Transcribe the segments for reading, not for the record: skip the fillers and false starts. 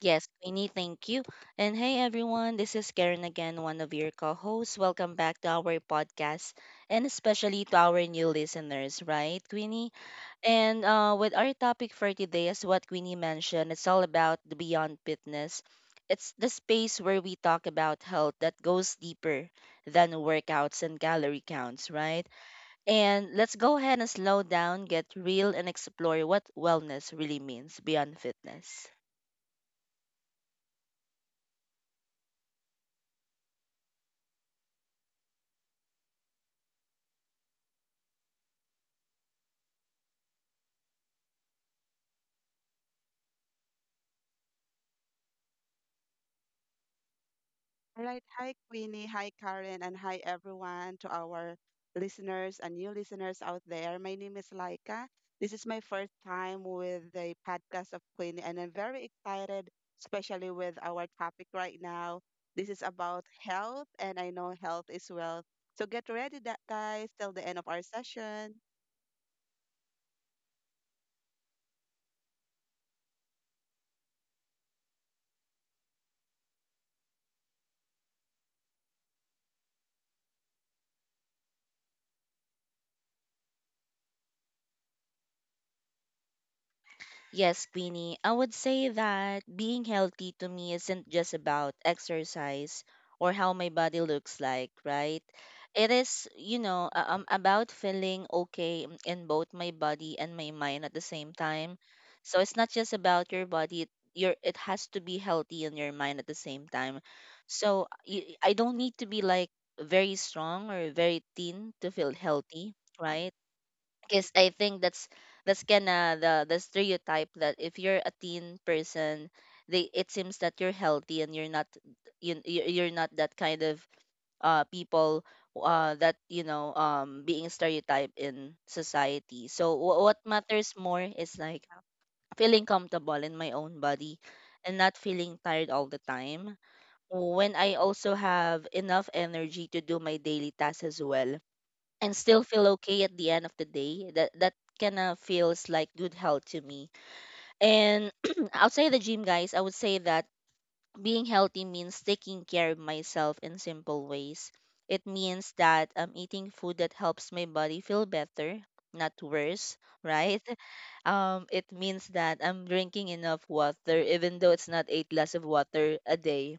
Yes, Queenie, thank you. And hey everyone, this is Karen again, one of your co-hosts. Welcome back to our podcast and especially to our new listeners, right, Queenie? And with our topic for today is what Queenie mentioned. It's all about the beyond fitness. It's the space where we talk about health that goes deeper than workouts and calorie counts, right? And let's go ahead and slow down, get real, and explore what wellness really means beyond fitness. All right. Hi, Queenie. Hi, Karen. And hi, everyone, to our listeners and new listeners out there. My name is Laika. This is my first time with the podcast of Queenie, and I'm very excited, especially with our topic right now. This is about health, and I know health is wealth. So get ready, that guys, till the end of our session. Yes, Queenie, I would say that being healthy to me isn't just about exercise or how my body looks like, right? It is about feeling okay in both my body and my mind at the same time. So it's not just about your body, it- your it has to be healthy in your mind at the same time. So I don't need to be like very strong or very thin to feel healthy, right? Because I think that's kinda the stereotype that if you're a teen person, they it seems that you're healthy and you're not that kind of people that being stereotyped in society. So what matters more is like feeling comfortable in my own body and not feeling tired all the time. When I also have enough energy to do my daily tasks as well and still feel okay at the end of the day, that kind of feels like good health to me. And outside the gym, guys, I would say that being healthy means taking care of myself in simple ways. It means that I'm eating food that helps my body feel better, not worse, right? It means that I'm drinking enough water, even though it's not eight glass of water a day,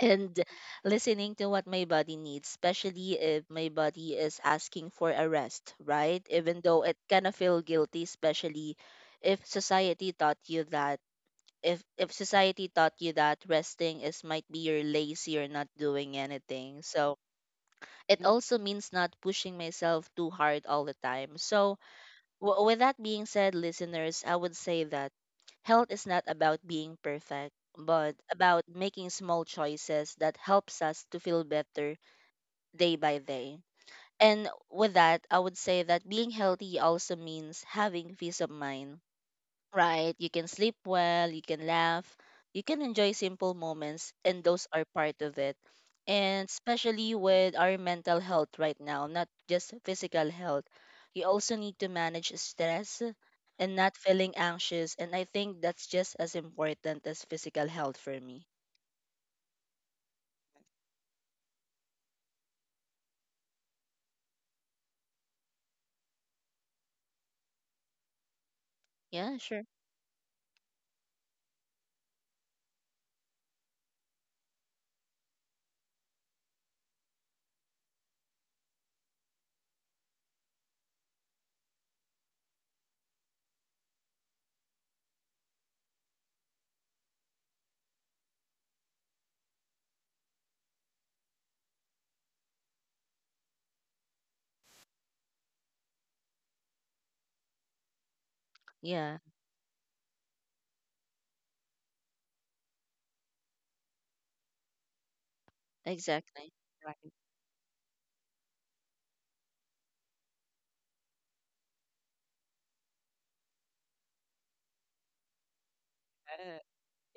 and listening to what my body needs, especially if my body is asking for a rest, right? Even though it kind of feel guilty, especially if society taught you that if society taught you that resting is might be you're lazy or not doing anything. So it Mm. also means not pushing myself too hard all the time. So With that being said, listeners, I would say that health is not about being perfect, but about making small choices that helps us to feel better day by day. And with that, I would say that being healthy also means having peace of mind, right. You can sleep well, you can laugh, you can enjoy simple moments, and those are part of it. And especially with our mental health right now, not just physical health, you also need to manage stress and not feeling anxious. And I think that's just as important as physical health for me. Yeah, sure. Yeah, exactly. Right.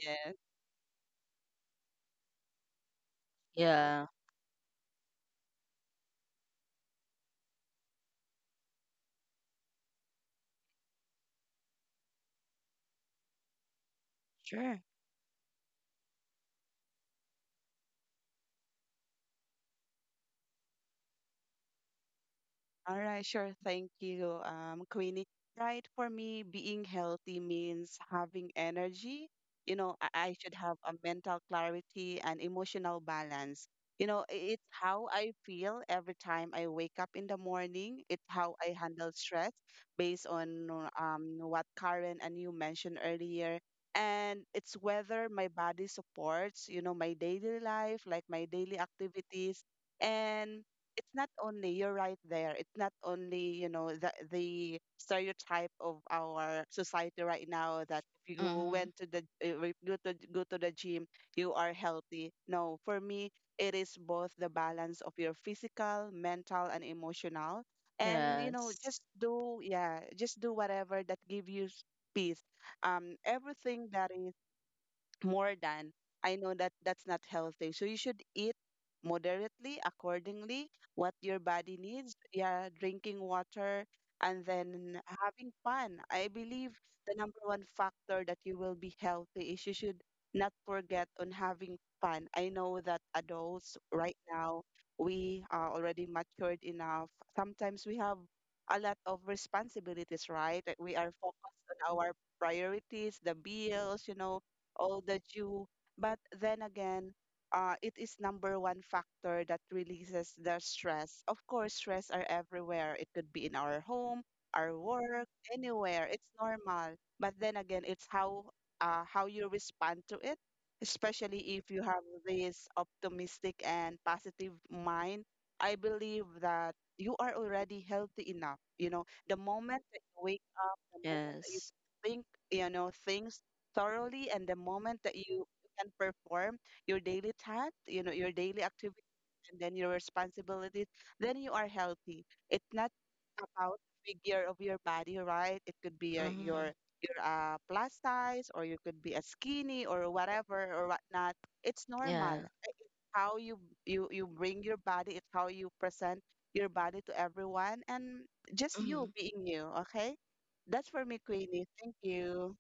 Yeah. Yeah, sure. All right, sure. Thank you, Queenie. Right, for me, being healthy means having energy. I should have a mental clarity and emotional balance. You know, it's how I feel every time I wake up in the morning. It's how I handle stress based on what Karen and you mentioned earlier. And it's whether my body supports, you know, my daily life, like my daily activities. And it's not only, you're right there, it's not only, you know, the stereotype of our society right now, that if you Mm-hmm. went to the if you go to go to the gym you are healthy. No, for me, it is both the balance of your physical, mental and emotional. And, you know, Yes, just, do yeah, just do whatever that give you peace. Everything that is more than, I know that's not healthy. So you should eat moderately, accordingly, what your body needs. Yeah, drinking water and then having fun. I believe the number one factor that you will be healthy is you should not forget on having fun. I know that adults right now, we are already matured enough. Sometimes we have a lot of responsibilities, right? That we are focused on our priorities, the bills, you know, all the due. But then again, it is number one factor that releases the stress. Of course, stress are everywhere. It could be in our home, our work, anywhere. It's normal. But then again, it's how you respond to it, especially if you have this optimistic and positive mind. I believe that you are already healthy enough. You know, the moment that you wake up, the moment that you yes. think, you know, things thoroughly and the moment that you can perform your daily task, you know, your daily activity and then your responsibilities, then you are healthy. It's not about figure of your body, right? It could be Mm-hmm. your plus size, or you could be a skinny or whatever or whatnot. It's normal. Yeah, It's how you bring your body. It's how you present your body to everyone and just you mm-hmm. being you. Okay, that's for me, Queenie. Thank you.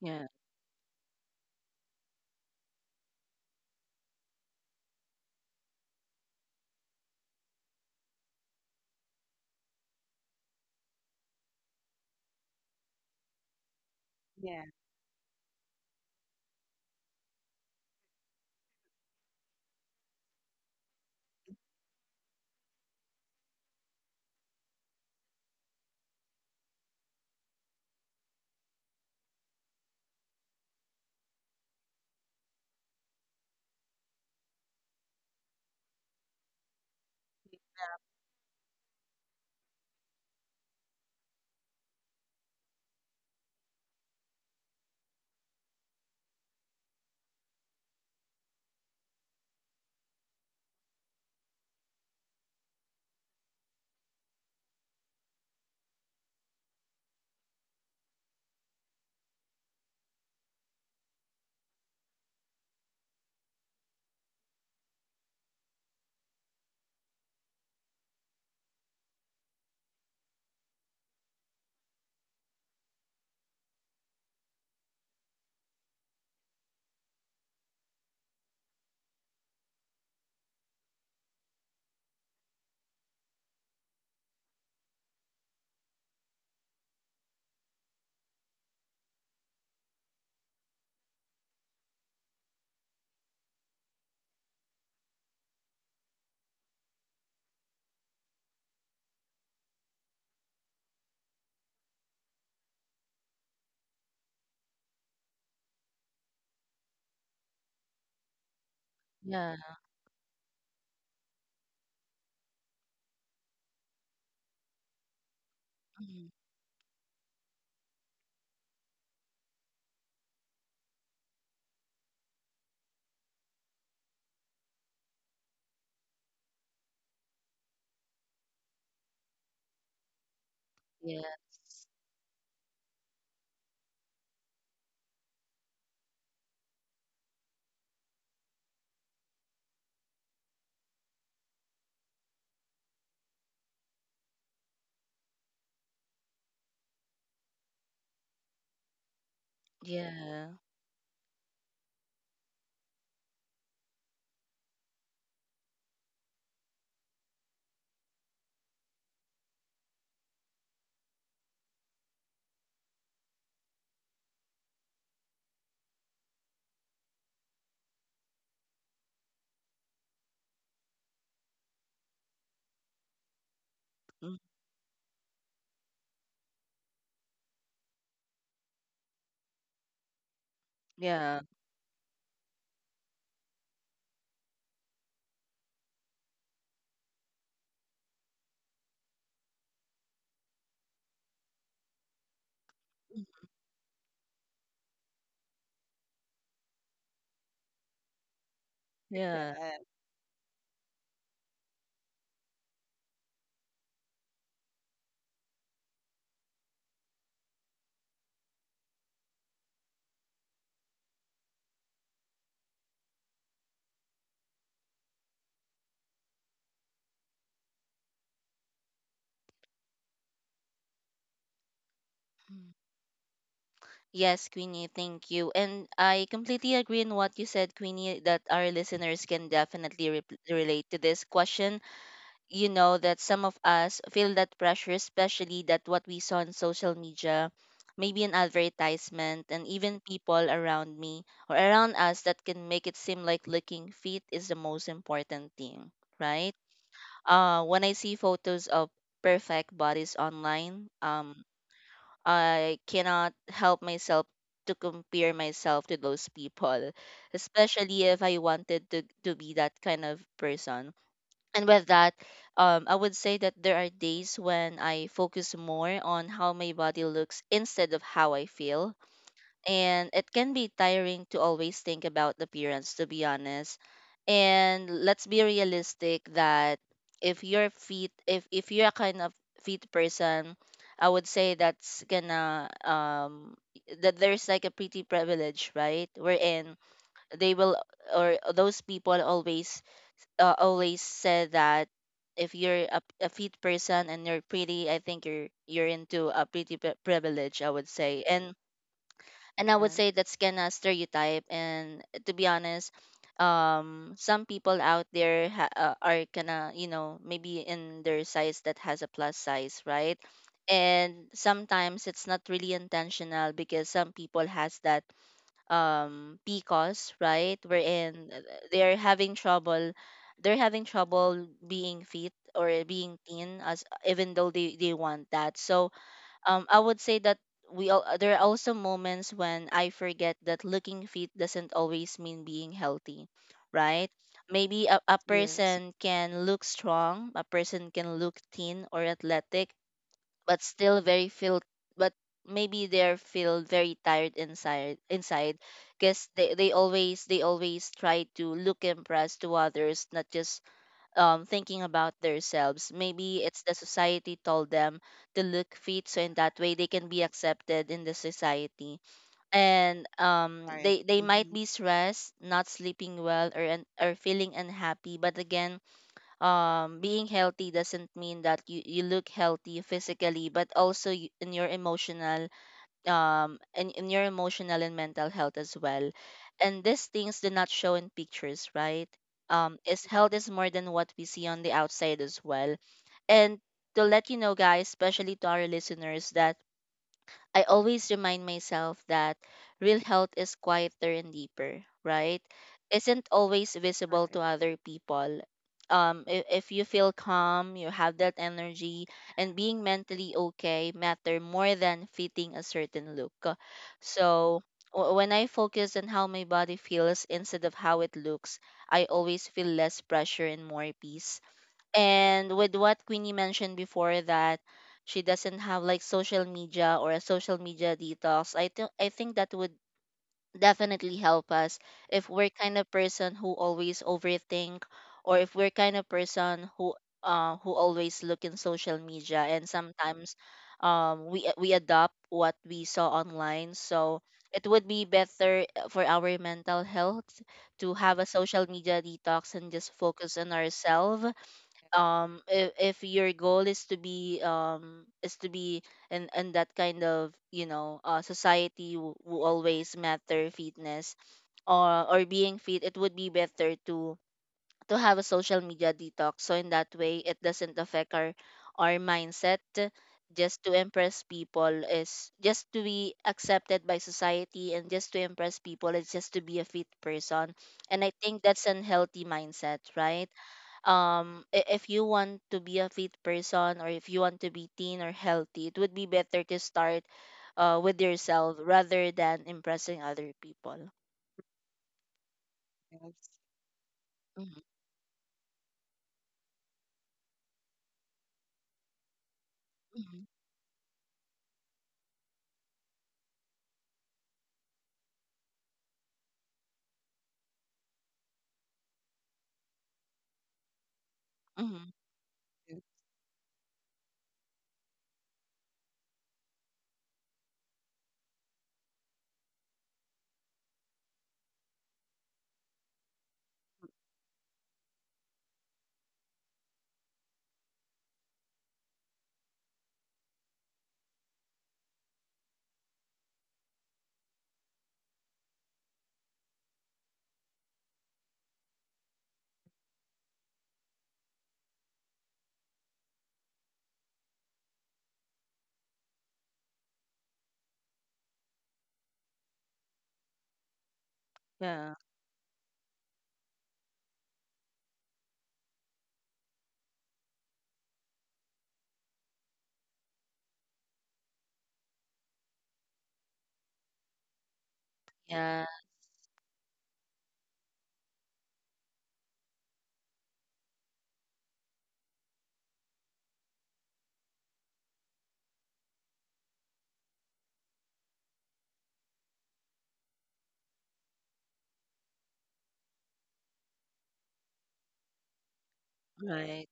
Yeah, Yeah. yeah. Mm-hmm. Yes. Yeah. Mm, yeah. Mm, yeah. Yes, Yes, Queenie, thank you. And I completely agree in what you said, Queenie, that our listeners can definitely relate to this question. You know that some of us feel that pressure, especially that what we saw on social media, maybe an advertisement, and even people around me or around us that can make it seem like looking fit is the most important thing, right? When I see photos of perfect bodies online, I cannot help myself to compare myself to those people, especially if I wanted to be that kind of person. And with that, I would say that there are days when I focus more on how my body looks instead of how I feel, and it can be tiring to always think about appearance, to be honest. And let's be realistic that if you're fit, if you're a kind of fit person, I would say that's gonna that there's like a pretty privilege, right, wherein they will or those people always always said that if you're a fit person and you're pretty, I think you're into a pretty privilege, I would say. And I would say yes, that's gonna stereotype. And to be honest, some people out there are gonna, maybe in their size that has a plus size, right? And sometimes it's not really intentional because some people has that PCOS, right? Wherein they're having trouble, they're having trouble being fit or being thin as, even though they want that. So I would say that we all there are also moments when I forget that looking fit doesn't always mean being healthy, right? Maybe a yes, person can look strong, a person can look thin or athletic, but still very feel, but maybe they're feel very tired inside because they always try to look impressed to others, not just thinking about themselves. Maybe it's the society told them to look fit, so in that way they can be accepted in the society. And um, right. they they might Mm-hmm. be stressed, not sleeping well, or feeling unhappy. But again, being healthy doesn't mean that you look healthy physically but also in your emotional in your emotional and mental health as well. And these things do not show in pictures, right? Um is health is more than what we see on the outside as well. And to let you know, guys, especially to our listeners, that I always remind myself that real health is quieter and deeper, right? Isn't always visible Right. to other people. If you feel calm, you have that energy, and being mentally okay matter more than fitting a certain look. So when I focus on how my body feels instead of how it looks, I always feel less pressure and more peace. And with what Queenie mentioned before, that she doesn't have like social media or a social media detox, I think that would definitely help us if we're kind of person who always overthink, or if we're kind of person who always look in social media and sometimes we adopt what we saw online. So it would be better for our mental health to have a social media detox and just focus on ourselves. If your goal is to be in that kind of society who, always matter fitness or being fit, it would be better to have a social media detox, so in that way it doesn't affect our mindset. Just to impress people is just to be accepted by society, and just to impress people is just to be a fit person, and I think that's an healthy mindset, right? If you want to be a fit person, or if you want to be thin or healthy, it would be better to start with yourself rather than impressing other people. Yes. Mm-hmm. Mm-hmm. Hmm. Yes, Yeah. Yeah. Right.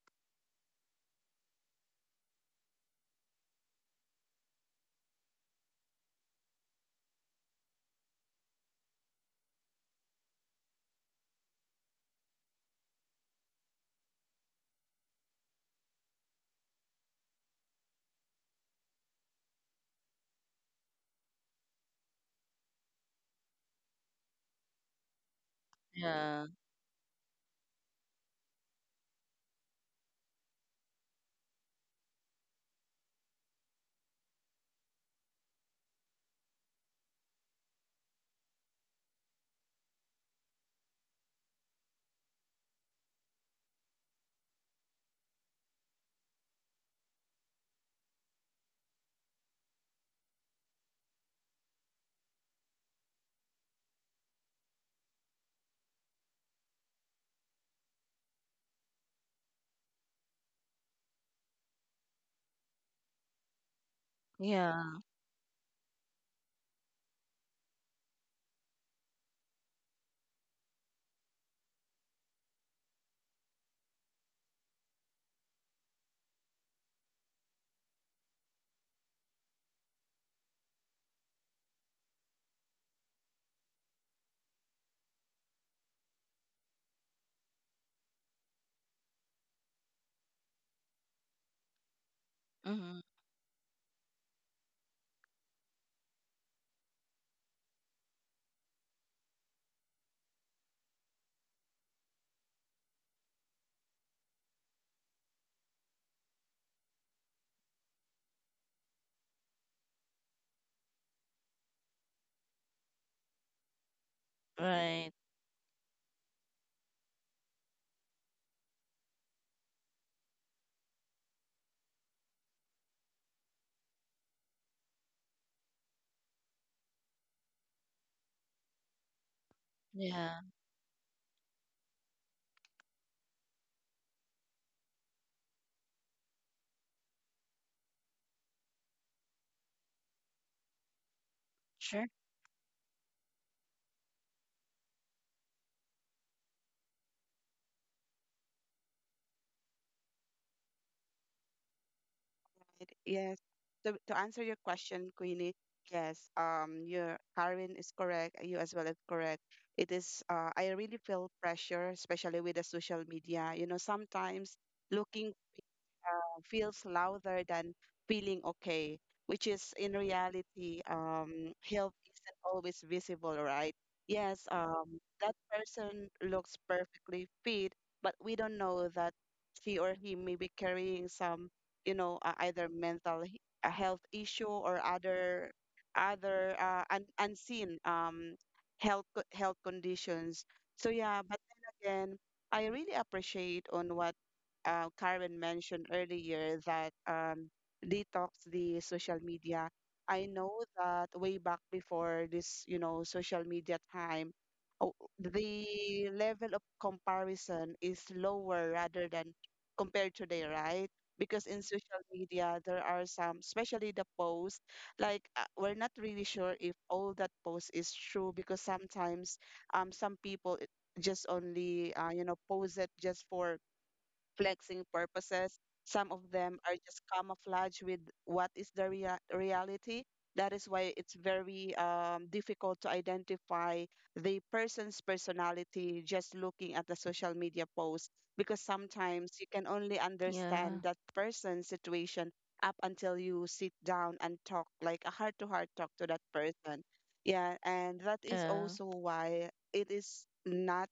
Yeah. Yeah. Mm-hmm. Right. Yeah. Sure. right. Yes. So to answer your question, Queenie, yes, your Karen is correct. You as well is correct. It is. I really feel pressure, especially with the social media. You know, sometimes looking feels louder than feeling okay, which is in reality, health isn't always visible, right? Yes, that person looks perfectly fit, but we don't know that she or he may be carrying some, you know, either mental a health issue or other un unseen, health health conditions. So yeah, but then again, I really appreciate on what Karen mentioned earlier, that detox the social media. I know that way back before this, you know, social media time, oh, the level of comparison is lower rather than compared today, right? Because in social media, there are some, especially the post, like we're not really sure if all that post is true, because sometimes some people just only, you know, pose it just for flexing purposes. Some of them are just camouflage with what is the reality. That is why it's very difficult to identify the person's personality just looking at the social media post, because sometimes you can only Yeah, understand that person's situation up until you sit down and talk like a heart to heart talk to that person. Yeah, and that is yeah. also why it is not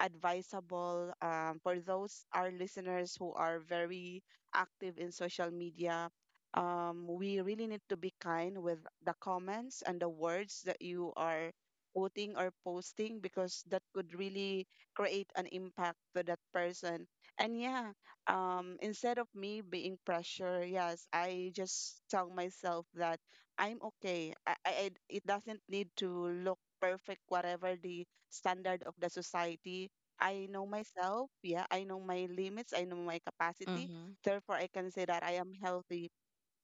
advisable, for those our listeners who are very active in social media. We really need to be kind with the comments and the words that you are quoting or posting, because that could really create an impact to that person. And yeah, instead of me being pressure, yes, I just tell myself that I'm okay. It doesn't need to look perfect, whatever the standard of the society. I know myself. Yeah, I know my limits. I know my capacity. Mm-hmm. Therefore, I can say that I am healthy,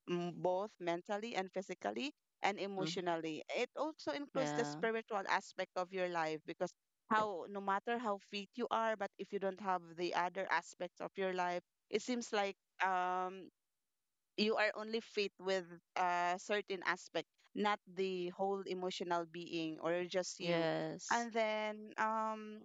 both mentally and physically and Mm-hmm, emotionally. It also includes the yeah. spiritual aspect of your life, because how no matter how fit you are, but if you don't have the other aspects of your life, it seems like um you are only fit with a certain aspect, not the whole emotional being or just you. Yes, And then,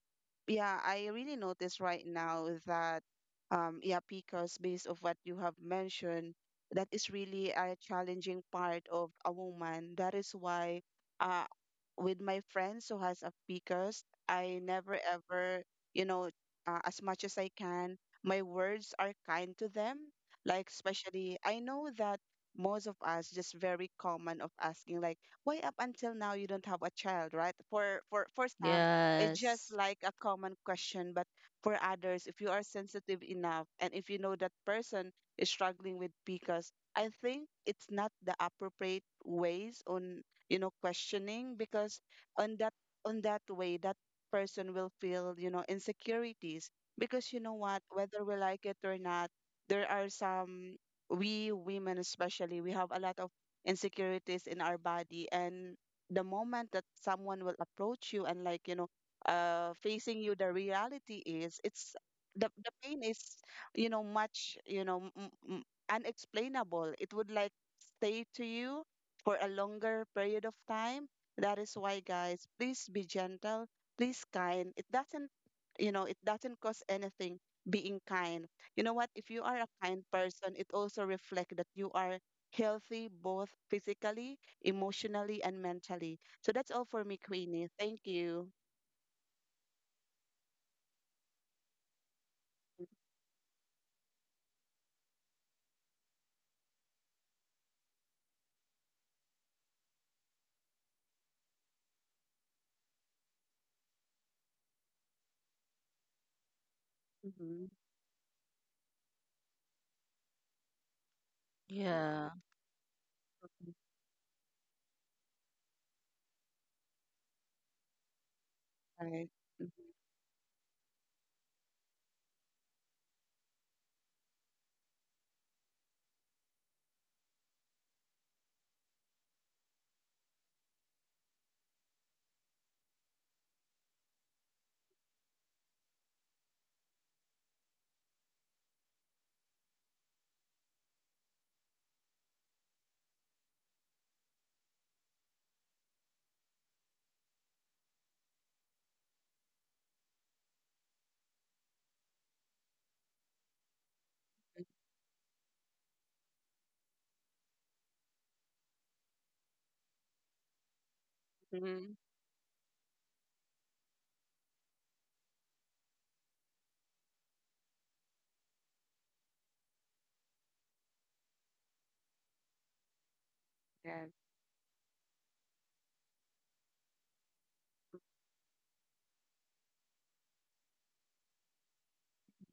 yeah, I really notice right now that, yeah, because based of what you have mentioned, that is really a challenging part of a woman. That is why, uh, with my friends who has a PCOS, I never ever, you know, as much as I can, my words are kind to them, like especially, I know that most of us just very common of asking like, why up until now you don't have a child, right? For some, it's just yes. like a common question, but for others, if you are sensitive enough and if you know that person is struggling with PCOS, I think it's not the appropriate ways on, you know, questioning, because on that on that way that person will feel, you know, insecurities, because, you know what, whether we like it or not, there are some we women, especially we have a lot of insecurities in our body, and the moment that someone will approach you and like, you know, facing you the reality is, it's the pain is, you know, much, you know, m- unexplainable. It would like stay to you for a longer period of time. That is why guys, please be gentle, please kind. It doesn't, you know, it doesn't cost anything being kind. You know what? If you are a kind person, it also reflects that you are healthy both physically, emotionally, and mentally. So that's all for me, Queenie. Thank you. Mm-hmm. Yeah. Right. Mm-hmm. Yes.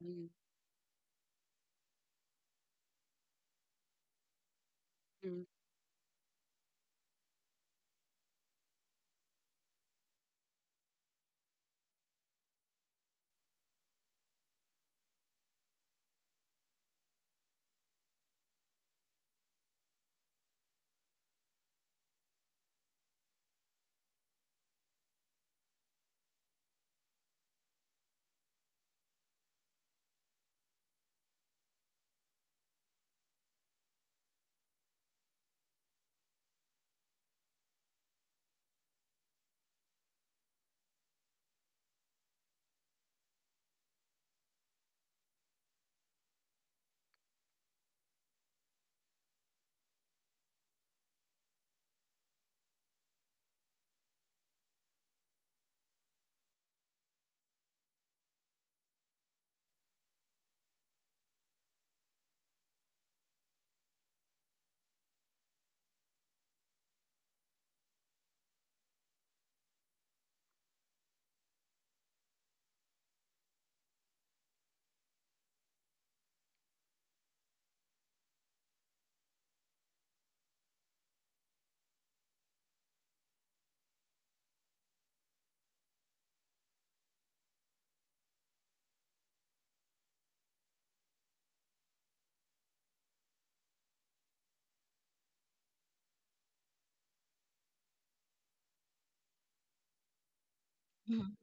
Mm-hmm. Mhm.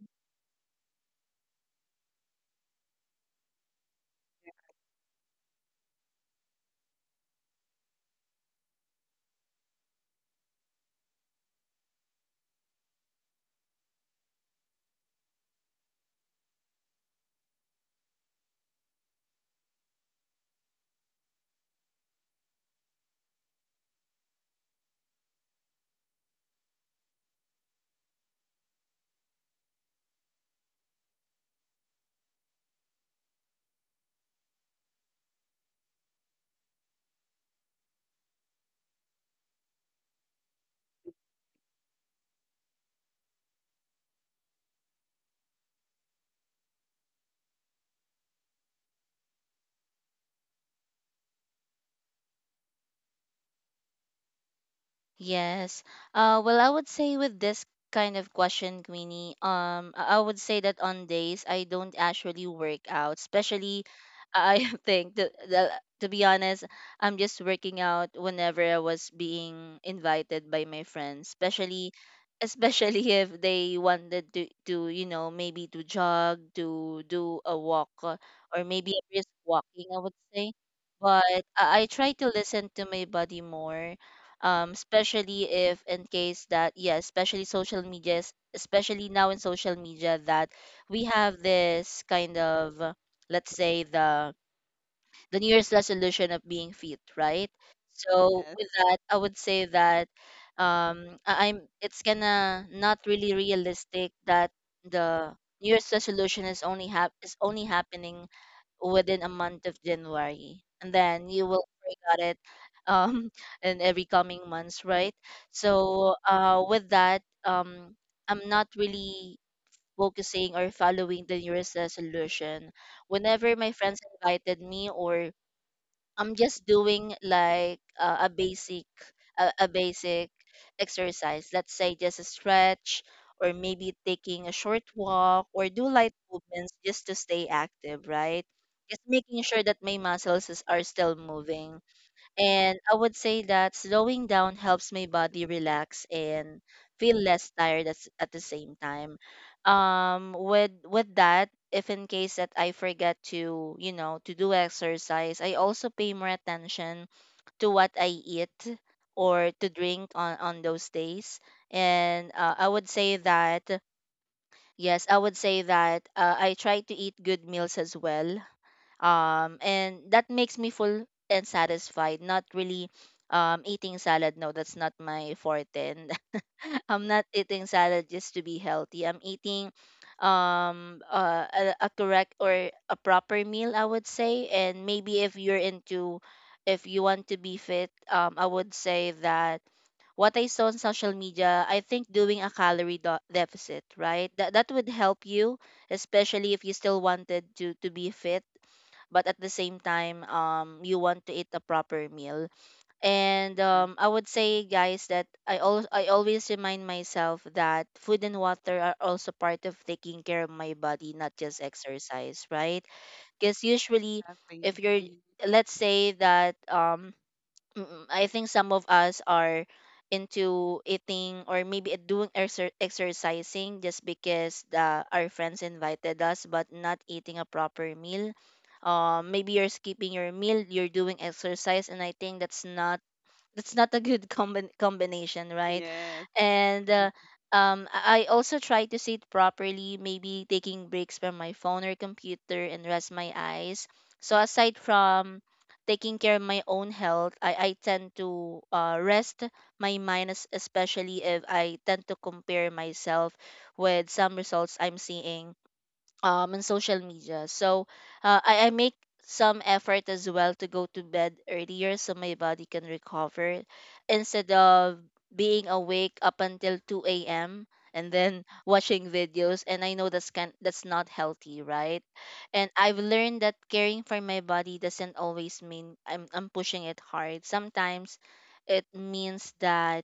Yes. Well, I would say with this kind of question, Queenie, I would say that on days I don't actually work out, especially I think the to be honest, I'm just working out whenever I was being invited by my friends, especially if they wanted to maybe to jog, to do a walk, or maybe a brisk walking, I would say. But I try to listen to my body more, especially if in case that, yeah, especially social medias, especially now in social media that we have this kind of, let's say, the new year's resolution of being fit, right? So Yes. with that, I would say that I- I'm it's gonna not really realistic that the new year's resolution is only is only happening within a month of January, and then you will forget it um in every coming months, right? So with that, I'm not really focusing or following the New Year's resolution. Whenever my friends invited me, or I'm just doing like a basic, a basic exercise. Let's say just a stretch, or maybe taking a short walk, or do light movements just to stay active, right? Just making sure that my muscles are still moving. And I would say that slowing down helps my body relax and feel less tired at the same time. With that, if in case that I forget to do exercise, I also pay more attention to what I eat or to drink on those days. And I would say that yes, I would say that I try to eat good meals as well, and that makes me full and satisfied, not really, eating salad. No, that's not my forte. And I'm not eating salad just to be healthy. I'm eating a correct or a proper meal, I would say. And maybe if you're into, if you want to be fit, I would say that what I saw on social media, I think doing a calorie deficit, right? That would help you, especially if you still wanted to be fit, but at the same time, you want to eat a proper meal. And Right. I would say, guys, that I always remind myself that food and water are also part of taking care of my body, not just exercise, right? Because usually Lovely. if you're, Mhm. let's say that, I think some of us are into eating or maybe doing exercising just because our friends invited us, but not eating a proper meal. Maybe you're skipping your meal, you're doing exercise, and I think that's not a good combination, right? Yes. And Mhm. I also try to sit properly, maybe taking breaks from my phone or computer and rest my eyes. So aside from taking care of my own health, I tend to rest my mind, especially if I tend to compare myself with some results I'm seeing on social media. So I make some effort as well to go to bed earlier so my body can recover instead of being awake up until 2 a.m. and then watching videos, and I know that's not healthy, right? And I've learned that caring for my body doesn't always mean I'm pushing it hard. Sometimes it means that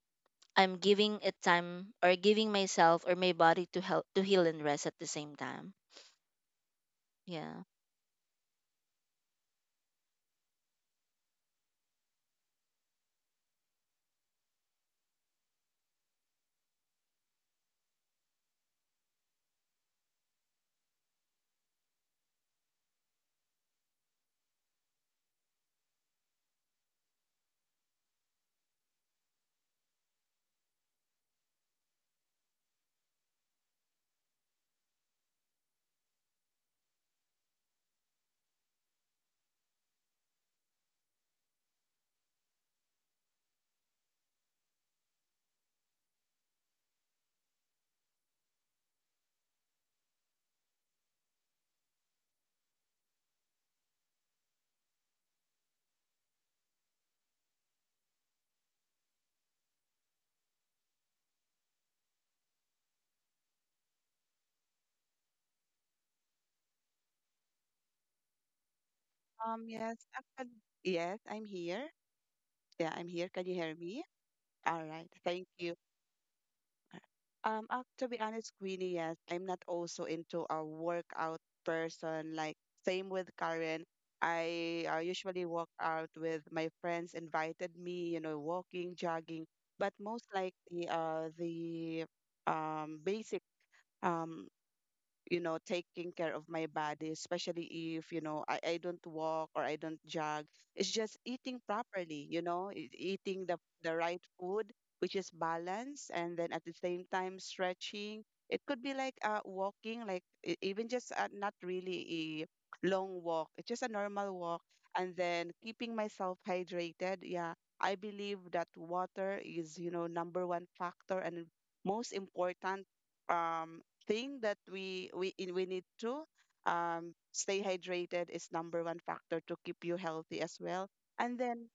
I'm giving it time, or giving myself or my body to help to heal and rest at the same time. Yeah. Yes. Actually, yes. I'm here. Yeah. I'm here. Can you hear me? All right. Thank you. To be honest, Queenie, yes, I'm not also into a workout person. Like same with Karen, I usually walk out with my friends invited me, you know, walking, jogging. But most likely, the basic um you know taking care of my body, especially if you know, I don't walk or I don't jog, it's just eating properly, you know, eating the right food which is balance, and then at the same time stretching. It could be like walking like even just not really a long walk, it's just a normal walk, and then keeping myself hydrated. Yeah, I believe that water is, you know, number one factor and most important um thing that we need to stay hydrated is number one factor to keep you healthy as well. And then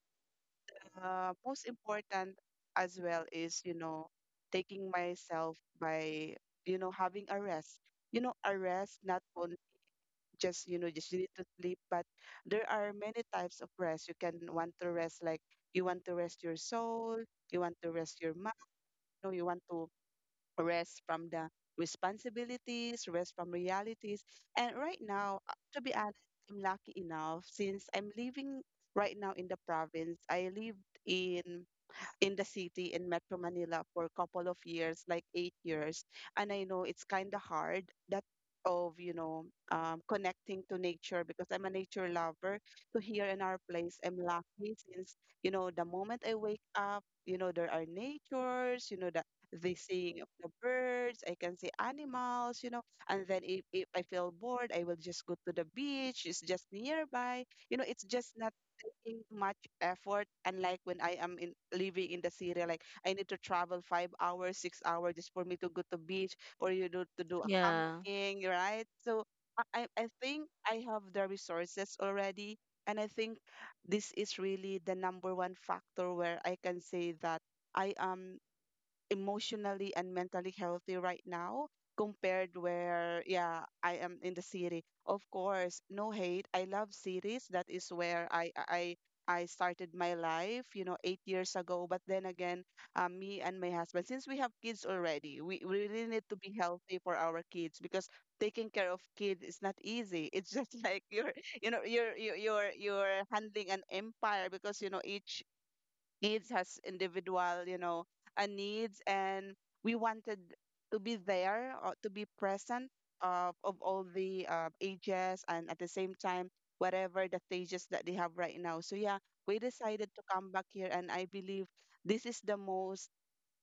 most important as well is, you know, taking myself by, you know, having a rest. You know, a rest not only just, you know, just you need to sleep, but there are many types of rest. You can want to rest, like you want to rest your soul, you want to rest your mind, or you want to rest from the responsibilities, rest from realities. And right now, to be honest, I'm lucky enough since I'm living right now in the province. I lived in in the city in Metro Manila for a couple of years, like 8 years. And I know it's kind of hard that of, you know, connecting to nature because I'm a nature lover. So here in our place, I'm lucky since, you know, the moment I wake up, you know, there are natures, you know, the seeing of the birds, I can see animals, you know, and then if I feel bored, I will just go to the beach. It's just nearby. It's just not taking much effort, unlike when I am in living in the city, like I need to travel 5 hours 6 hours just for me to go to beach or you do to do a Yeah. camping, right? So I think I have the resources already, and I think this is really the number one factor where I can say that I am emotionally and mentally healthy right now compared where, yeah, I am in the city. Of course, no hate, I love cities. That is where I started my life, you know, 8 years ago. But then again, me and my husband, since we have kids already, we really need to be healthy for our kids because taking care of kids is not easy. It's just like you're handling an empire because, you know, each needs as individual, you know, needs, and we wanted to be there or to be present of all the ages, and at the same time whatever the stages that they have right now. So yeah, we decided to come back here, and I believe this is the most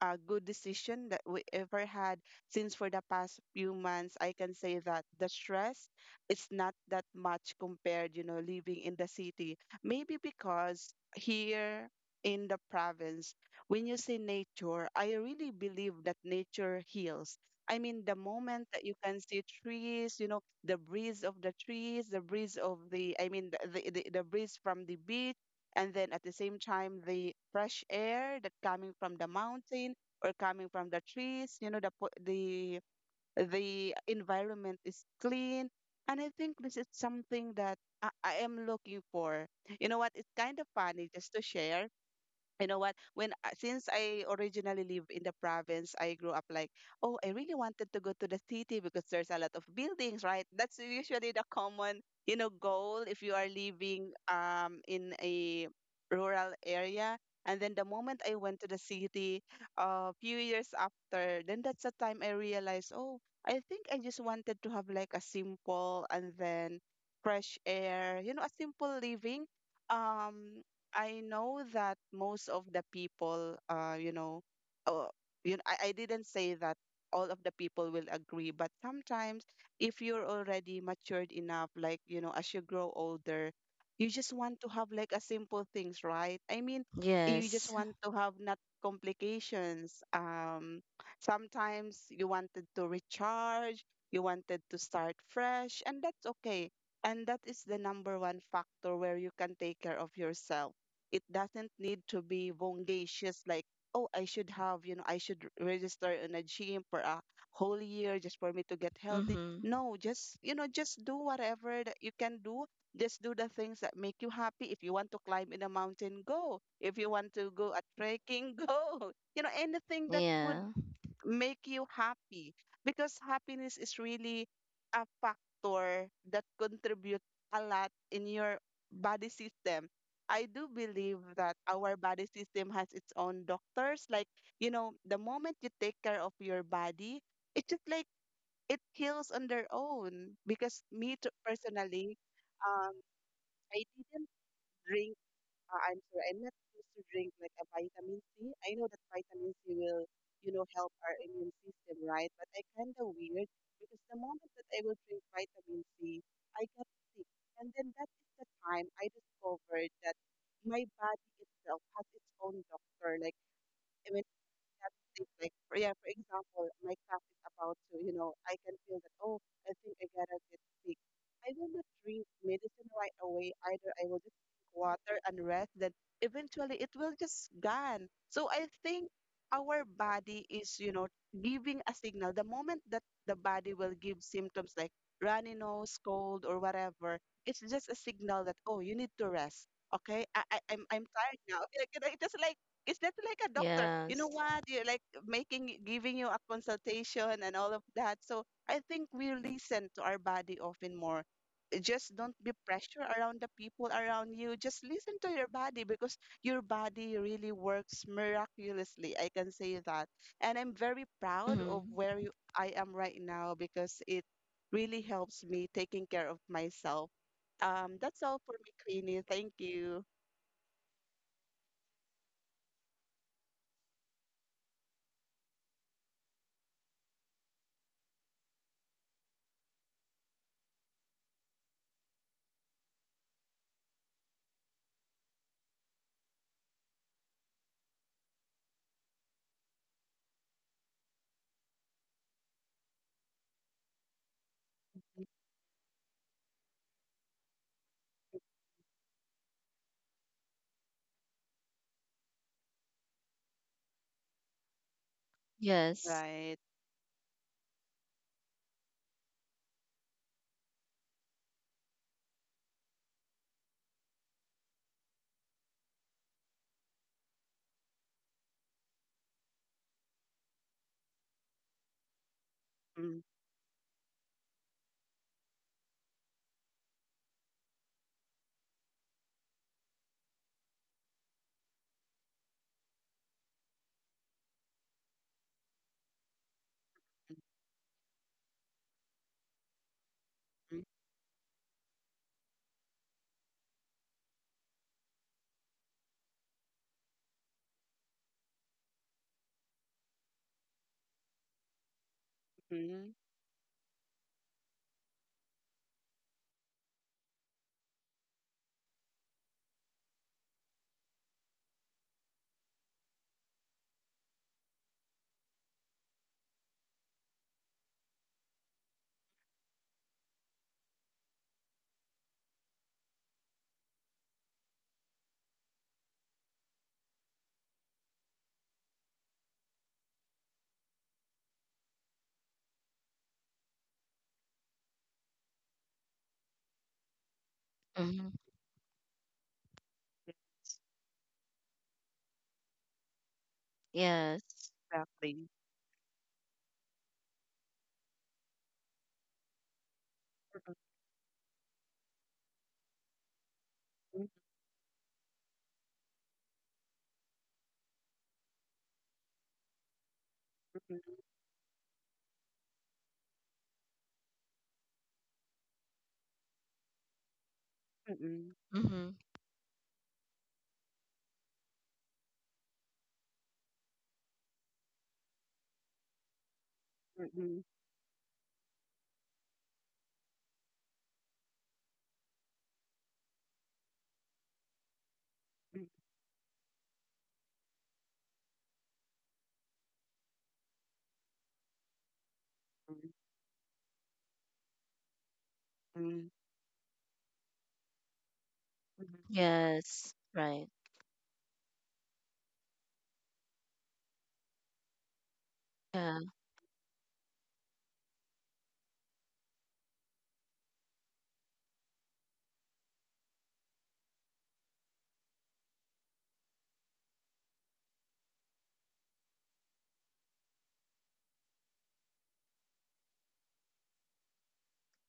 a good decision that we ever had, since for the past few months I can say that the stress is not that much compared, you know, living in the city. Maybe because here in the province, when you say nature, I really believe that nature heals. I mean, the moment that you can see trees, you know, the breeze of the trees, the breeze of the, I mean, the breeze from the beach, and then at the same time the fresh air that coming from the mountain or coming from the trees, you know, the po- the environment is clean. And I think this is something that I am looking for. You know what? It's kind of funny just to share, you know what, when since I originally live in the province, I grew up like, oh, I really wanted to go to the city because there's a lot of buildings, right? That's usually the common, you know, goal if you are living in a rural area. And then the moment I went to the city a few years after, then that's the time I realized, oh, I think I just wanted to have like a simple and then fresh air, you know, a simple living. um I know that most of the people, uh, you know, I didn't say that all of the people will agree, but sometimes if you're already matured enough, like, you know, as you grow older, you just want to have like a simple things, right? I mean, you just Yes. want to have not complications. Sometimes you wanted to recharge, you wanted to start fresh, and that's okay. And that is the number one factor where you can take care of yourself. It doesn't need to be bongacious like, oh, I should have, you know, I should register in a gym for a whole year just for me to get healthy. Mhm. No, just, you know, just do whatever that you can do. Just do the things that make you happy. If you want to climb in a mountain, go. If you want to go a trekking, go. You know, anything that would Yeah. make you happy because happiness is really a factor that contributes a lot in your body system. I do believe that our body system has its own doctors. Like, you know, the moment you take care of your body, it's just like it heals on their own. Because me too, personally, um, I didn't drink, I'm sorry, I'm not supposed to drink like a vitamin C. I know that vitamin C will, you know, help our immune system, right? But I kind of weird because the moment that I will drink vitamin C, I get sick. And then that is the time I discovered that my body itself has its own doctor. Like, that thing, like for, yeah, for example, my cup is about to, you know, I can feel that, oh, I think I gotta get sick. I will not drink medicine right away either. I will just drink water and rest, then eventually it will just gone. So I think our body is, you know, giving a signal. The moment that the body will give symptoms like runny nose, cold, or whatever, it's just a signal that, oh, you need to rest. Okay, I'm tired now. Like, you know, It is like it's that's like a doctor. You know Yes. what? You're like making, giving you a consultation and all of that. So I think we listen to our body often more. Just don't be pressure around the people around you. Just listen to your body because your body really works miraculously. I can say that. And I'm very proud of Mhm. where I am right now because it really helps me taking care of myself. That's all for me, Queenie. Thank you. Yes. Right. Mm. Mm, mhm. Mhm. Yes. Exactly. Mhm, mhm, mhm, Mhm. mhm, mhm, mhm, mhm, Yes. Right. Yeah.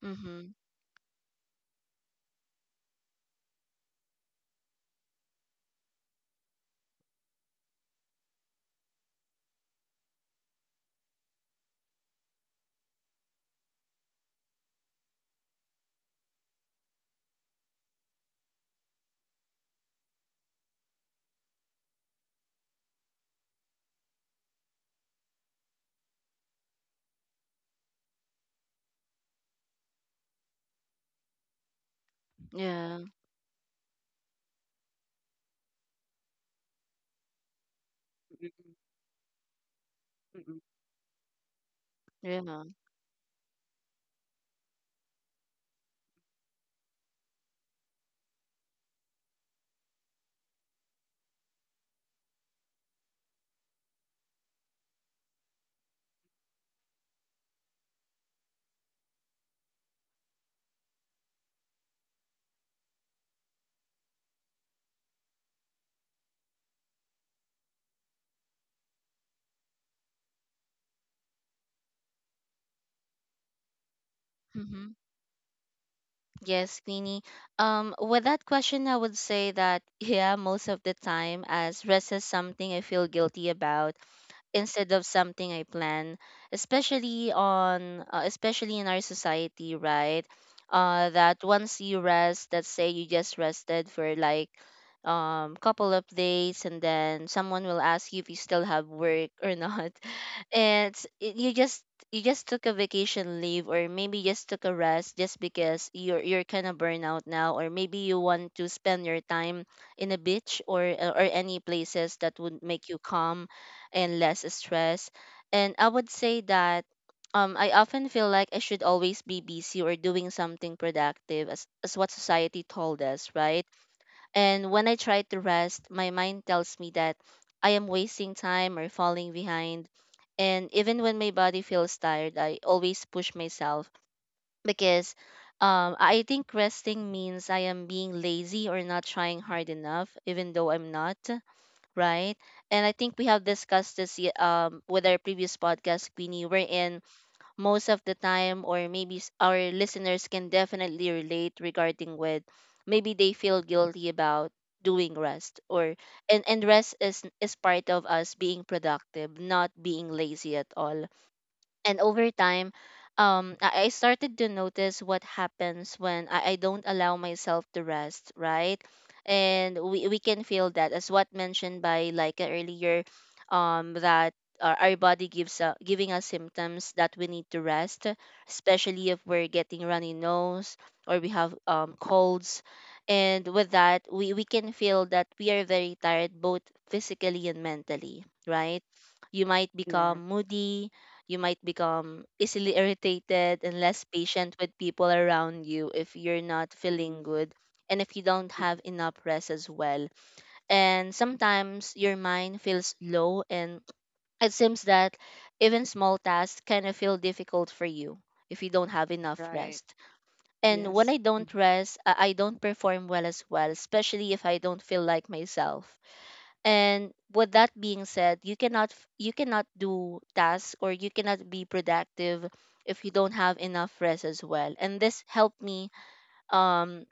Mhm. Yeah. mhm, mhm, mhm. Yeah. Mhm. Yes, Queenie. With that question, I would say that, yeah, most of the time, as rest is something I feel guilty about instead of something I plan, especially on especially in our society, right? That once you rest, let's say you just rested for like couple of days, and then someone will ask you if you still have work or not. And you just took a vacation leave, or maybe just took a rest just because you're kind of burnout now, or maybe you want to spend your time in a beach or any places that would make you calm and less stress. And I would say that, I often feel like I should always be busy or doing something productive, as what society told us, right? And when I try to rest, my mind tells me that I am wasting time or falling behind. And even when my body feels tired, I always push myself because, I think resting means I am being lazy or not trying hard enough, even though I'm not, right? And I think we have discussed this, with our previous podcast, Queenie, wherein most of the time, or maybe our listeners can definitely relate regarding with maybe they feel guilty about doing rest or and rest is part of us being productive, not being lazy at all. And over time, I started to notice what happens when I don't allow myself to rest, right? And we can feel that, as what mentioned by like earlier, that our body gives giving us symptoms that we need to rest, especially if we're getting runny nose or we have, colds. And with that, we can feel that we are very tired, both physically and mentally, right? You might Yes. become moody, you might become easily irritated and less patient with people around you if you're not feeling Mhm, good and if you don't mhm. have enough rest as well. And sometimes your mind feels low, and it seems that even small tasks kind of feel difficult for you if you don't have enough Right. rest. And when Yes. I don't Mhm, rest, I don't perform well as well, especially if I don't feel like myself. And with that being said, you cannot do tasks or you cannot be productive if you don't have enough rest as well. And this helped me um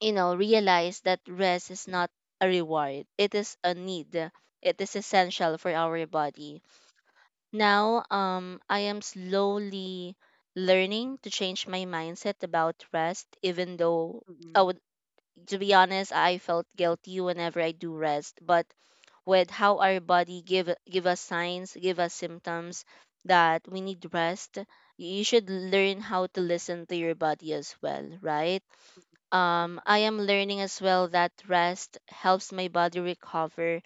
realize that rest is not a reward, it is a need, it is essential for our body. Now, I am slowly learning to change my mindset about rest, even though, I mhm, would to be honest, I felt guilty whenever I do rest. But with how our body give us signs, give us symptoms that we need rest. You should learn how to listen to your body as well, right? mhm, mhm. I am learning as well that rest helps my body recover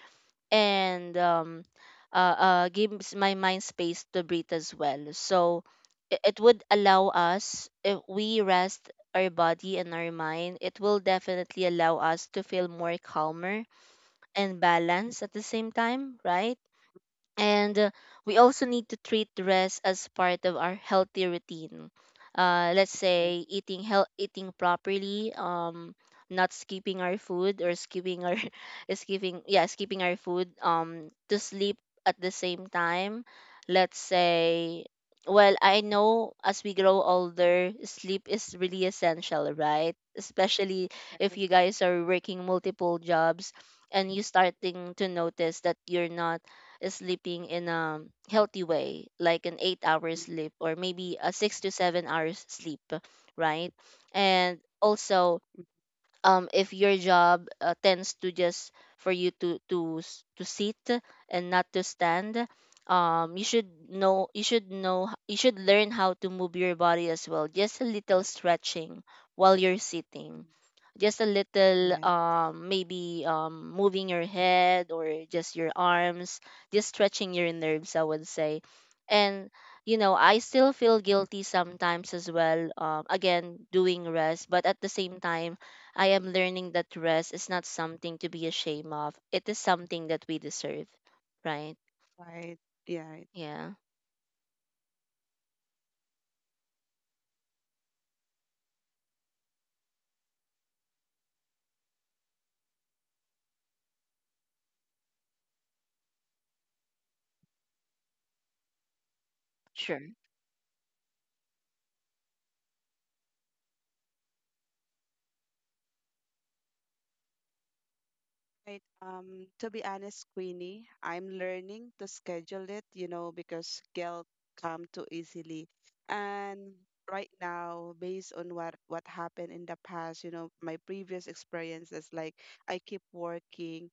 and, gives my mind space to breathe as well. So it would allow us, if we rest our body and our mind, it will definitely allow us to feel more calmer and balance at the same time, right? And we also need to treat rest as part of our healthy routine, let's Yes. say eating health eating properly, not skipping our food, or skipping our skipping yeah, skipping our food, to sleep at the same time. Let's say, well, I know as we grow older, sleep is really essential, right? Especially if you guys are working multiple jobs and you starting to notice that you're not sleeping in a healthy way, like an 8-hour Mhm, sleep or maybe a 6 to 7 hours sleep, right? And also, if your job tends to just for you to sit and not to stand. You should learn how to move your body as well. Just a little stretching while you're mhm. sitting, just a little Yes. Maybe moving your head or just your arms, just stretching your nerves, I would say. And I still feel guilty sometimes as well, again doing rest. But at the same time, I am learning that rest is not something to be ashamed of, it is something that we deserve, right? Right. Yeah. Yeah. Sure. Right. To be honest, Queenie, I'm learning to schedule it, you know, because guilt come too easily. And right now, based on what happened in the past, you know, my previous experiences, like I keep working,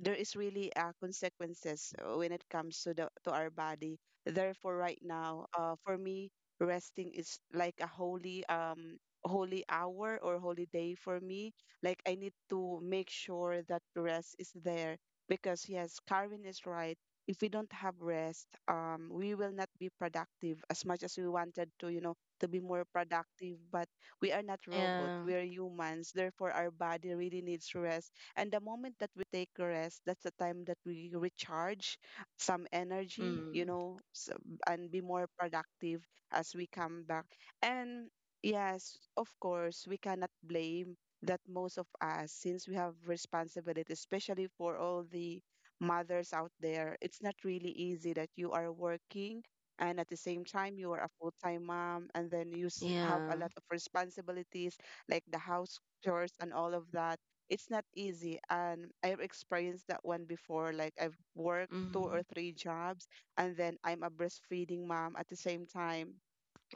there is really consequences when it comes to our body. Therefore, right now, for me, resting is like a holy holy hour or holy day for me. Like I need to make sure that rest is there because, yes, Carvin is right. If we don't have rest, we will not be productive as much as we wanted to, you know, to be more productive. But we are not robots; Yeah. we are humans. Therefore, our body really needs rest, and the moment that we take a rest, that's the time that we recharge some energy, you Mm. know, and be more productive as we come back. And yes, of course, we cannot blame that most of us, since we have responsibility, especially for all the mothers out there, it's not really easy that you are working and at the same time you are a full-time mom, and then you have a Yeah. lot of responsibilities like the house chores and all of that. It's not easy, and I've experienced that one before. Like I've worked two or Mm. three jobs, and then I'm a breastfeeding mom at the same time.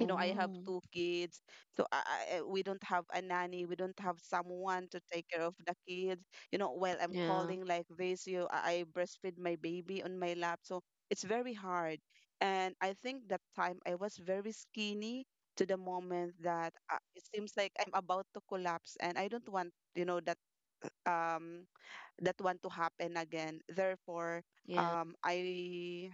You know, I have two kids. So we don't have a nanny, we don't have someone to take care of the kids, you know, while I'm yeah, calling like this, you I breastfeed my baby on my lap. So it's very hard, and I think that time I was very skinny to the moment that it seems like I'm about to collapse, and I don't want, you know, that um, that want to happen again. Therefore, yeah, I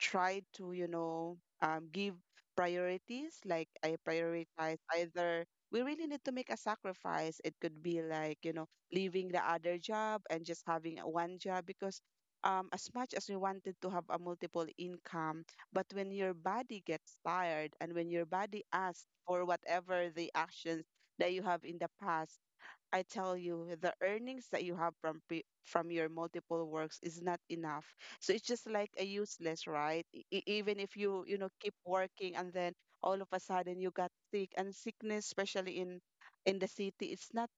try to, you know, give priorities. Like I prioritize either we really need to make a sacrifice. It could be like, you know, leaving the other job and just having a one job because as much as we wanted to have a multiple income, but when your body gets tired and when your body asks for whatever the actions that you have in the past, I tell you, the earnings that you have from from your multiple works is not enough. So it's just like a useless, right? Even if you you know keep working, and then all of a sudden you got sick, and sickness, especially in the city, it's not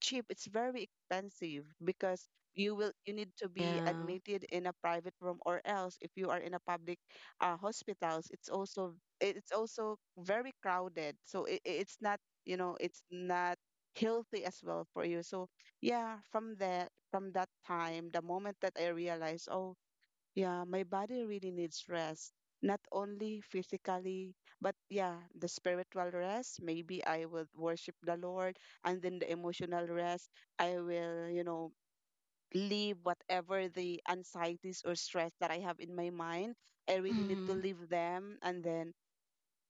cheap, it's very expensive because you need to be yeah. admitted in a private room, or else if you are in a public hospitals, it's also very crowded. So it's not, you know, it's not healthy as well for you. So yeah, from that time, the moment that I realized, oh, yeah, my body really needs rest, not only physically, but yeah, the spiritual rest. Maybe I will worship the Lord, and then the emotional rest, I will, you know, leave whatever the anxieties or stress that I have in my mind. I really need to Mm. leave them, and then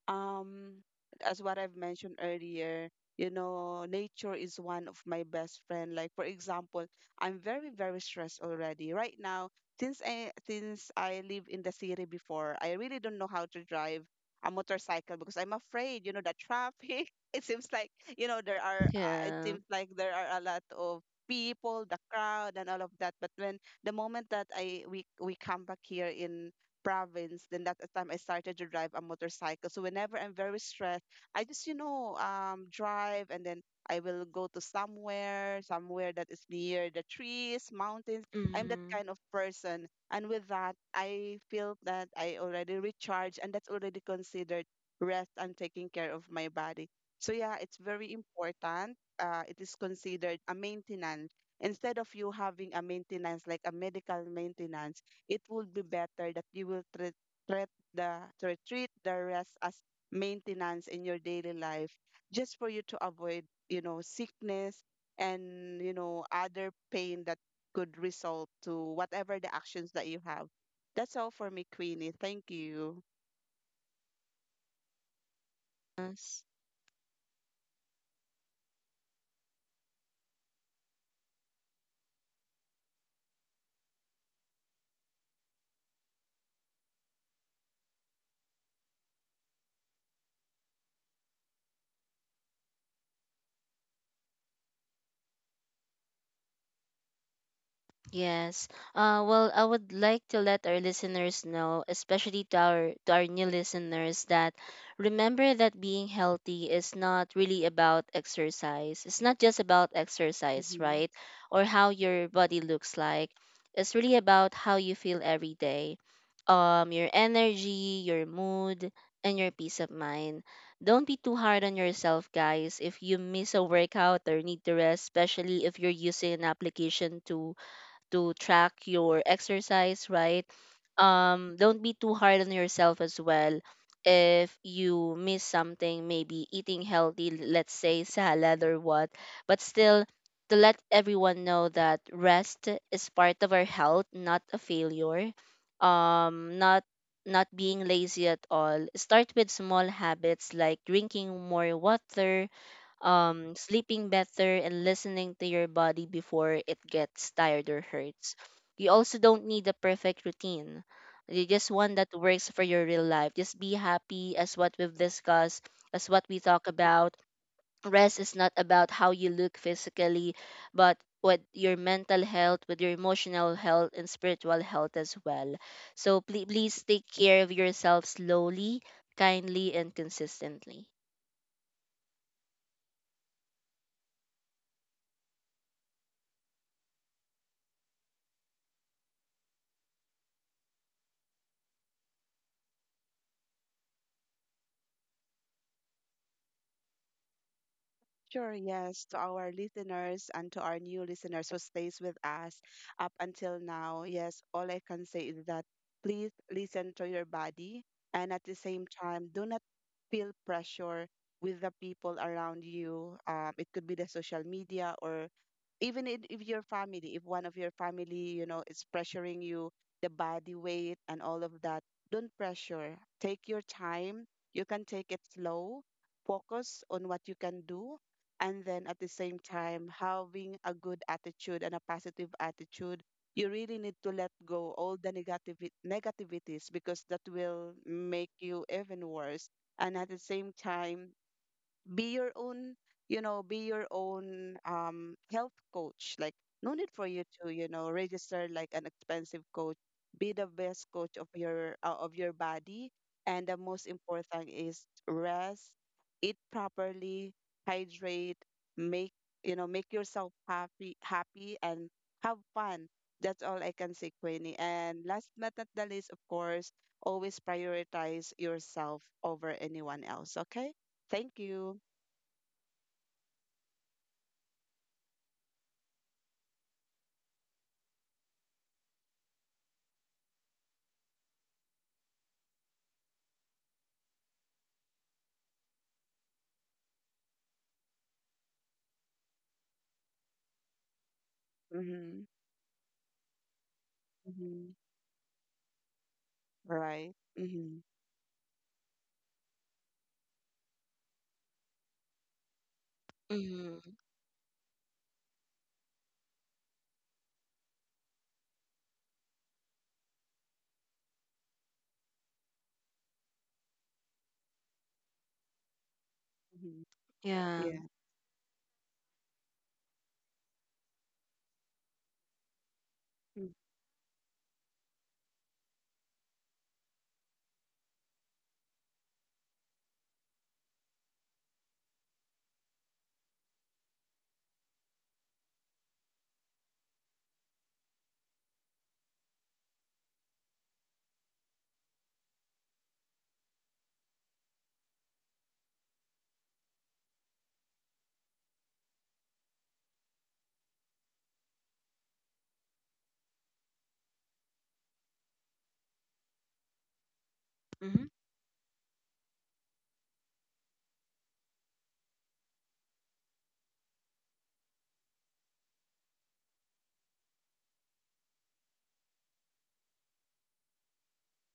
um as what I've mentioned earlier, you know, nature is one of my best friend. Like for example, I'm very, very stressed already. Right now, since I live in the city before, I really don't know how to drive a motorcycle because I'm afraid, you know, the traffic. It seems like, you know, there are it Yeah. seems like there are a lot of people, the crowd and all of that. But when the moment that I we come back here in province. Then that's the time I started to drive a motorcycle. So whenever I'm very stressed, I just, you know, drive, and then I will go to somewhere, somewhere that is near the trees, mountains. I'm that Mm-hmm. kind of person, and with that, I feel that I already recharge, and that's already considered rest and taking care of my body. So yeah, it's very important. It is considered a maintenance. Instead of you having a maintenance like a medical maintenance, it would be better that you will treat treat the rest as maintenance in your daily life just for you to avoid, you know, sickness and, you know, other pain that could result to whatever the actions that you have. That's all for me, Queenie. Thank you. Yes. Yes. Well, I would like to let our listeners know, especially to our new listeners, that remember that being healthy is not really about exercise. It's not just about exercise, Mhm. right? Or how your body looks like. It's really about how you feel every day. Your energy, your mood, and your peace of mind. Don't be too hard on yourself, guys. If you miss a workout or need to rest, especially if you're using an application to track your exercise, right? Don't be too hard on yourself as well. If you miss something, maybe eating healthy, let's say salad or what, but still to let everyone know that rest is part of our health, not a failure. Um, not not being lazy at all. Start with small habits like drinking more water, sleeping better, and listening to your body before it gets tired or hurts. You also don't need a perfect routine. You just one that works for your real life. Just be happy, as what we've discussed, as what we talk about. Rest is not about how you look physically, but with your mental health, with your emotional health, and spiritual health as well. So please, please take care of yourself slowly, kindly, and consistently. Sure, yes, to our listeners and to our new listeners who stays with us up until now, yes, all I can say is that please listen to your body, and at the same time, do not feel pressure with the people around you. It could be the social media, or even if your family, if one of your family, you know, is pressuring you, the body weight and all of that, don't pressure. Take your time. You can take it slow. Focus on what you can do, and then at the same time having a good attitude and a positive attitude, you really need to let go all the negative negativities because that will make you even worse, and at the same time be your own, you know, be your own health coach. Like no need for you to, you know, register like an expensive coach. Be the best coach of your of your body, and the most important is rest, eat properly, hydrate, make, you know, make yourself happy, happy, and have fun. That's all I can say, Queenie. And last but not the least, of course, always prioritize yourself over anyone else, okay? Thank you. Mm-hmm. Mm-hmm. Right. Mm-hmm. Hmm. Mm-hmm. Yeah. Yeah.